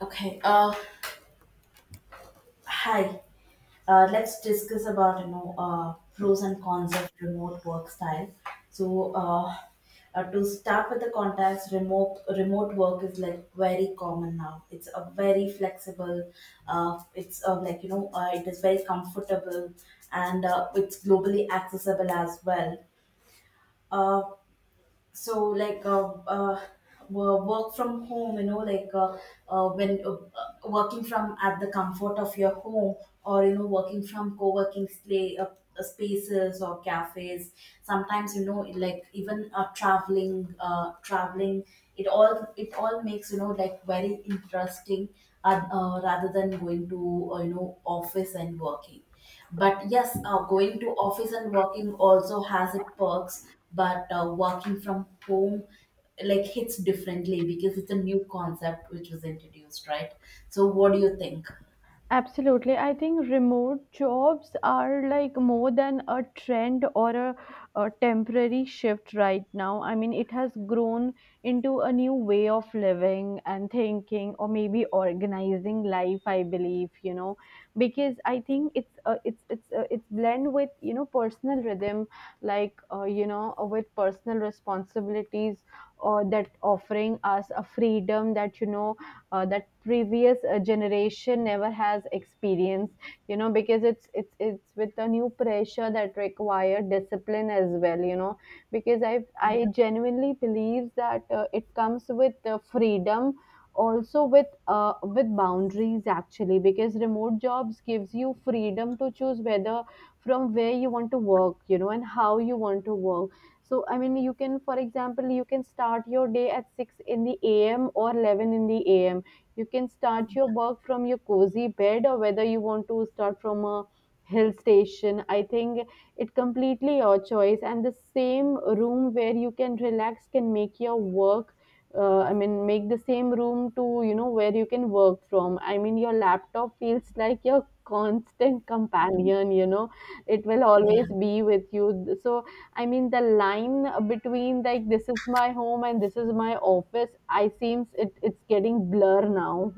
Okay. Hi. Let's discuss about pros and cons of remote work style. So, uh, to start with the contacts, remote work is like very common now. It's a very flexible. It's like it is very comfortable, and it's globally accessible as well. Uh, so like uh, uh, Work from home, when working from at the comfort of your home, or working from spaces or cafes, sometimes, like even traveling, it all makes, like, very interesting, rather than going to office and working. But yes, going to office and working also has its perks, but working from home like hits differently because it's a new concept which was introduced, right? So what do you think? Absolutely. I think remote jobs are like more than a trend or a temporary shift right now. I mean, it has grown into a new way of living and thinking, or maybe organizing life. I believe because I think it's blend with personal rhythm, like with personal responsibilities, or that offering us a freedom that that previous generation never has experienced because it's with a new pressure that require discipline as well, because I genuinely believe that it comes with freedom also with boundaries actually, because remote jobs gives you freedom to choose whether from where you want to work, and how you want to work. So, I mean, you can, for example, you can start your day at 6 in the AM or 11 in the AM. You can start your work from your cozy bed, or whether you want to start from a hill station. I think it completely your choice, and the same room where you can relax can make your work I mean, make the same room to, you know, where you can work from. I mean, your laptop feels like your constant Mhm. companion, you know, it will Yeah. always be with you. So, I mean, the line between like this is my home and this is my office, I seems it's getting blur now.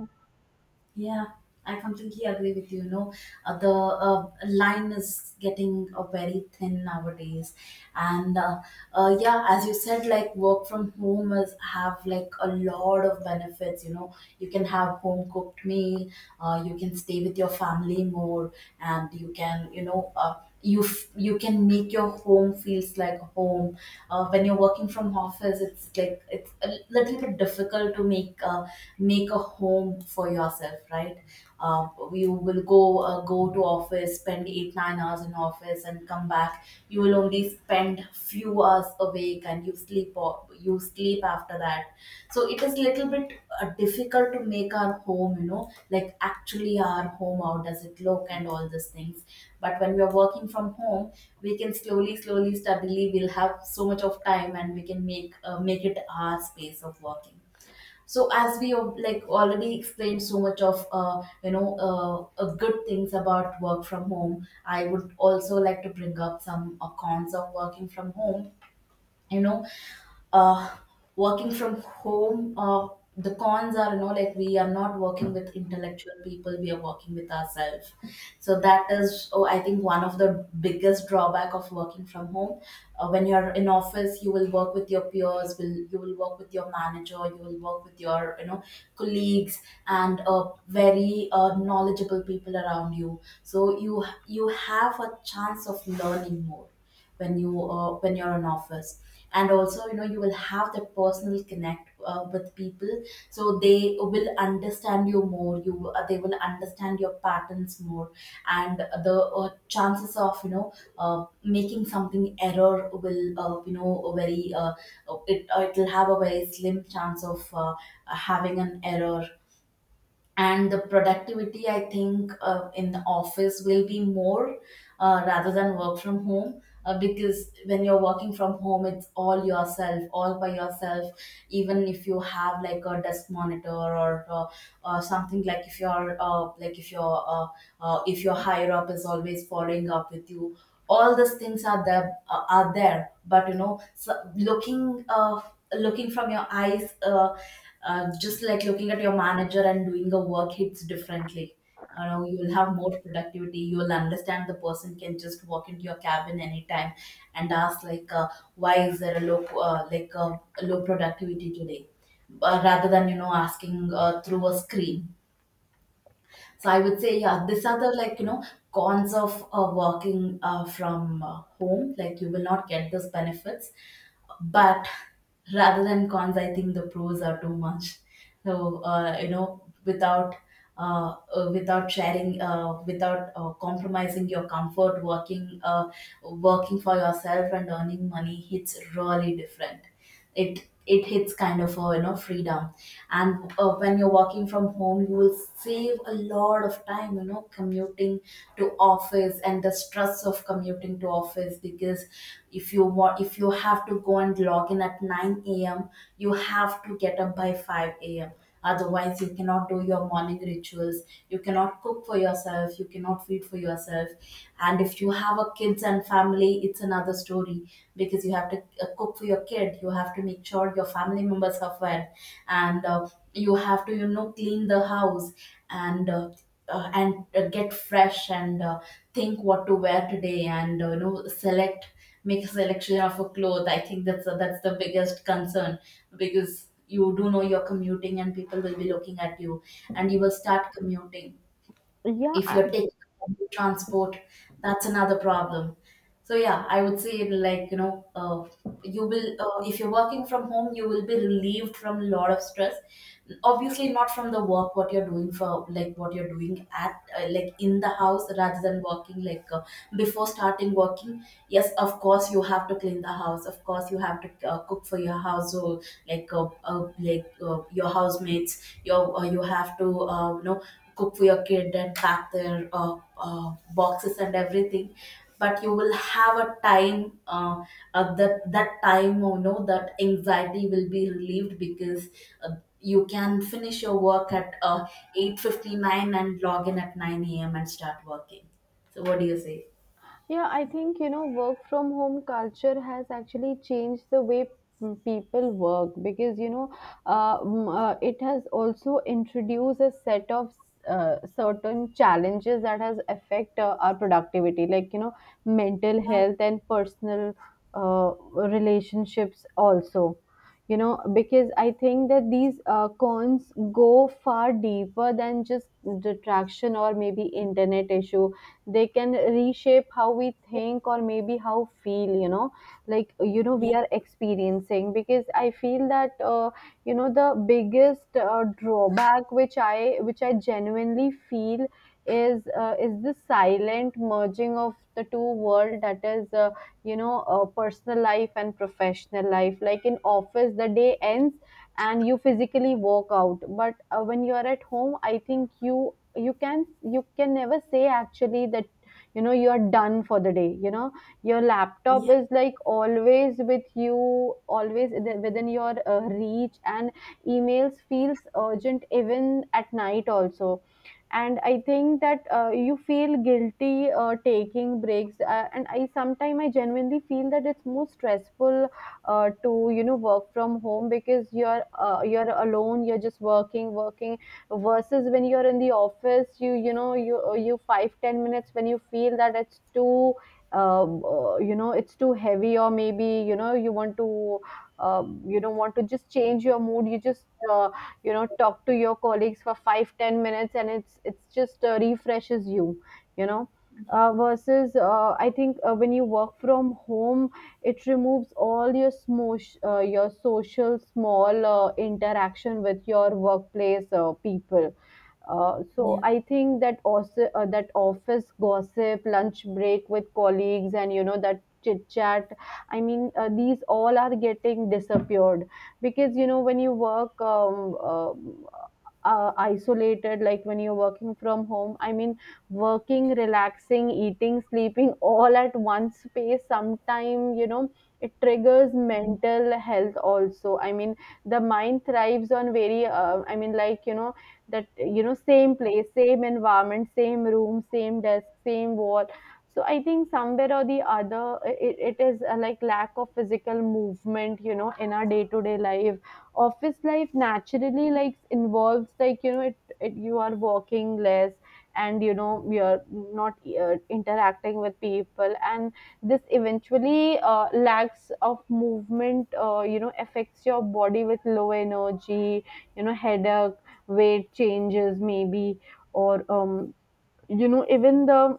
Yeah, I completely agree with you. The line is getting very thin nowadays, and yeah, as you said, like work from home is have like a lot of benefits. You know, you can have home cooked meal, you can stay with your family more, and you can make your home feels like home. When you're working from office, it's like it's a little bit difficult to make a home for yourself, right? uh, you will go to office, spend 8 9 hours in office, and come back. You will only spend few hours awake, and you you sleep after that. So it is a little bit difficult to make our home, like actually our home how does it look and all these things. But when we are working from home, we can slowly slowly steadily, we'll have so much of time, and we can make it our space of working. So as we have, like, already explained so much of good things about work from home, I would also like to bring up some cons of working from home you know uh, Working from home, the cons are, like, we are not working with intellectual people, we are working with ourselves. So that is, oh, I think one of the biggest drawback of working from home. When you're in office, you will work with your peers, will you will work with your manager, you will work with your, colleagues, and very knowledgeable people around you, so you have a chance of learning more when you're in office. And also, you will have that personal connect with people, so they will understand you more, you they will understand your patterns more. And the chances of making something error will, a very, it'll have a very slim chance of having an error. And the productivity, I think, in the office will be more, rather than work from home, because when you're working from home it's all yourself, all by yourself. Even if you have like a desk monitor, or something, like if you're if your higher up is always following up with you, all these things are there. But, so looking from your eyes, just like looking at your manager and doing a work hits differently. You will have more productivity, you will understand, the person can just walk into your cabin anytime and ask, like, why is there a low, low productivity today, rather than, asking through a screen. So I would say, yeah, these are the, like, cons of working from home. Like, you will not get those benefits. But rather than cons, I think the pros are too much. So, without sharing, without compromising your comfort, working for yourself and earning money, it's really different. It it hits kind of a, freedom. And when you're working from home, you will save a lot of time, commuting to office, and the stress of commuting to office, because if you have to go and log in at 9 a.m., you have to get up by 5 a.m. Otherwise, you cannot do your morning rituals, you cannot cook for yourself, you cannot feed for yourself. And if you have a kids and family, it's another story, because you have to cook for your kid, you have to make sure your family members are fed, and you have to, clean the house and. Uh, and get fresh, and think what to wear today, and select make a selection of a cloth. I think that's the biggest concern, because you do know you're commuting and people will be looking at you, and you will start commuting. Yeah. If you're taking public transport, that's another problem. So yeah, I would say, you will if you're working from home, you will be relieved from a lot of stress, obviously not from the work what you're doing, for like what you're doing at like in the house, rather than working, like, before starting working. Yes, of course you have to clean the house, of course you have to cook for your household, your housemates, you have to, cook for your kid and pack their boxes and everything. But you will have a time, that that time you know that anxiety will be relieved, because uh, you can finish your work at 8:59 and log in at 9 a.m and start working. So what do you say? Yeah, I think, you know, work from home culture has actually changed the way people work because, it has also introduced a set of certain challenges that has affect our productivity, like, you know, mental Yeah, health and personal uh, relationships also. You know, because I think that these cons go far deeper than just distraction or maybe internet issue. They can reshape how we think or maybe how feel, we yeah, are experiencing because I feel that, the biggest drawback which I genuinely feel is the silent merging of the two world, that is, personal life and professional life. Like in office the day ends and you physically work out, but when you are at home, I think you can never say actually that, you know, you are done for the day. You know, your laptop yeah, is like always with you, always within your reach, and emails feels urgent even at night also. And I think that, you feel guilty taking breaks, and I sometimes I genuinely feel that it's more stressful to, you know, work from home because you're alone, you're just working. Versus when you're in the office, you 5, 10 minutes when you feel that it's too you know, it's too heavy, or maybe, you know, you want to you don't want to just change your mood, you just uh, you know, talk to your colleagues for 5, 10 minutes, and it's just refreshes you, you know. Versus I think when you work from home, it removes all your smosh your social small interaction with your workplace people. So yeah, I think that also, that office gossip, lunch break with colleagues, and you know, that chit chat. I mean, these all are getting disappeared, because you know when you work isolated, like when you're working from home. I mean, working, relaxing, eating, sleeping, all at one space. Sometime, you know, it triggers mental health also. I mean, the mind thrives on very. I mean, like, you know, that, you know, same place, same environment, same room, same desk, same wall. So I think somewhere or the other, it is a like lack of physical movement, you know, in our day to day life. Office life naturally like involves, like, you know, it you are walking less, and, you know, you're not interacting with people. And this eventually lacks of movement, you know, affects your body with low energy, you know, headache, weight changes maybe, or you know, even the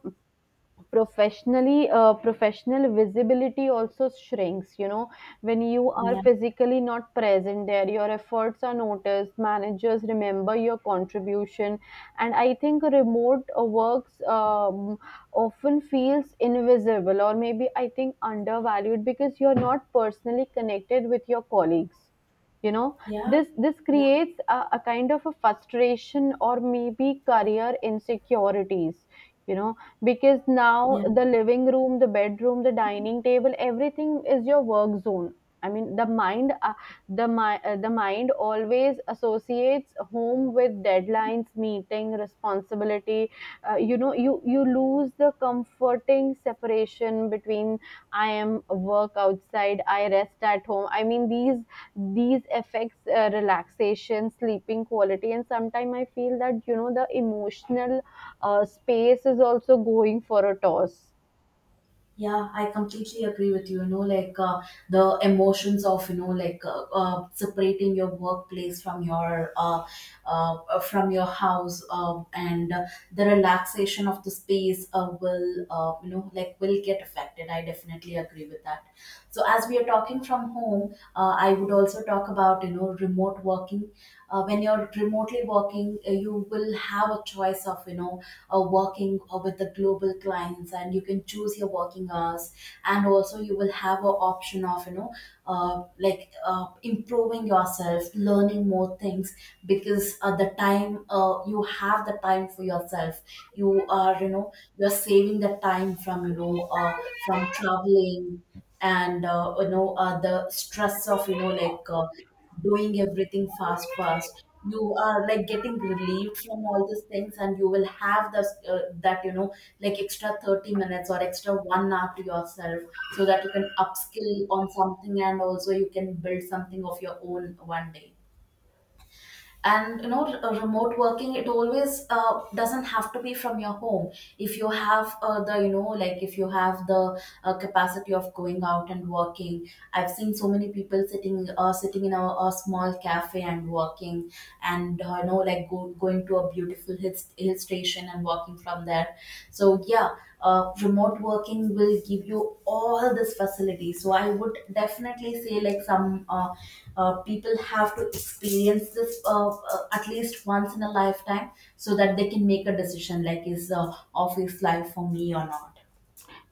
professional visibility also shrinks, you know. When you are yeah, physically not present there, your efforts are noticed, managers remember your contribution. And I think remote works often feels invisible, or maybe, I think, undervalued because you're not personally connected with your colleagues, you know. yeah, This creates a kind of a frustration, or maybe career insecurities, you know. Because now yeah. the living room, the bedroom, the dining table, everything is your work zone. I mean, the mind always associates home with deadlines, meeting, responsibility. You know, you lose the comforting separation between I am work outside, I rest at home. I mean, these affects relaxation, sleeping quality, and sometimes I feel that, you know, the emotional space is also going for a toss. Yeah, I completely agree with you. Like, the emotions of, like, separating your workplace from your, house, and the relaxation of the space will, like, will get affected. I definitely agree with that. So as we are talking from home, I would also talk about, remote working. When you're remotely working, you will have a choice of, working with the global clients, and you can choose your working hours. And also, you will have an option of, improving yourself, learning more things, because at the time, you have the time for yourself. You are, you're saving the time from, from traveling, and the stress of, like, doing everything fast fast, you are, like, getting relieved from all these things, and you will have this, that you know like, extra 30 minutes or extra 1 hour to yourself, so that you can upskill on something, and also you can build something of your own one day. And, remote working, it always, doesn't have to be from your home. If you have the you know like If you have the capacity of going out and working, I've seen so many people sitting in a small cafe and working, and like going to a beautiful hill station and working from there. So yeah, remote working will give you all this facility, so I would definitely say like some people have to experience this at least once in a lifetime, so that they can make a decision, like, is office life for me or not.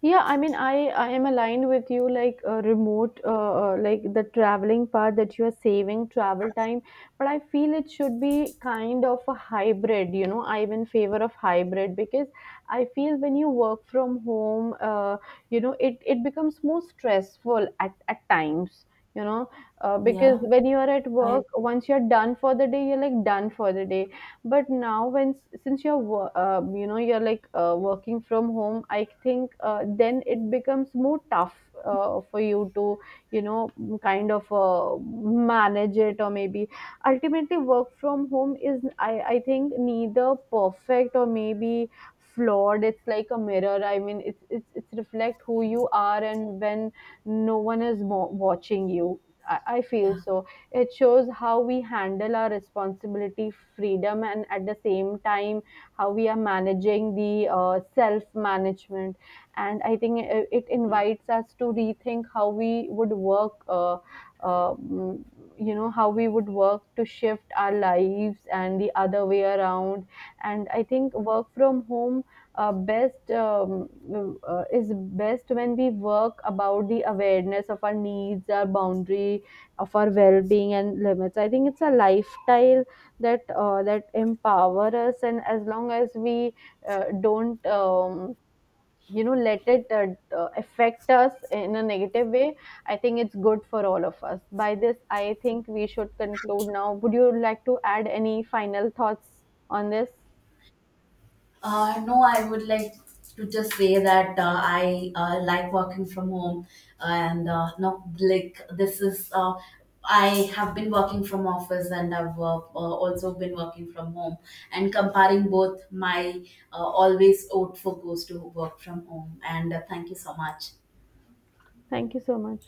Yeah, I mean, I am aligned with you. Like like the traveling part, that you are saving travel time, but I feel it should be kind of a hybrid. You know, I'm in favor of hybrid because I feel when you work from home, you know, it becomes more stressful at times. You know, because Yeah, when you are at work, I once you're done for the day, you're like done for the day. But now, when, you know, you're like, working from home, I think then it becomes more tough for you to, you know, kind of manage it. Or maybe ultimately, work from home is, I think, neither perfect or maybe flawed. It's like a mirror, I mean, it's reflect who you are. And when no one is watching you, I feel yeah. so it shows how we handle our responsibility, freedom, and at the same time, how we are managing the self management. And I think it invites us to rethink how we would work. Uh, mm, you know, how we would work to shift our lives and the other way around. And I think work from home best is best when we work about the awareness of our needs, our boundary, of our well-being and limits. I think it's a lifestyle that that empower us, and as long as we don't, you know, let it affect us in a negative way, I think it's good for all of us. By this, I think we should conclude now. Would you like to add any final thoughts on this? No, I would like to just say that, I, like working from home, and no, like, this is, I have been working from office, and I've also been working from home. And comparing both, my, always vote for goes to work from home. And thank you so much. Thank you so much.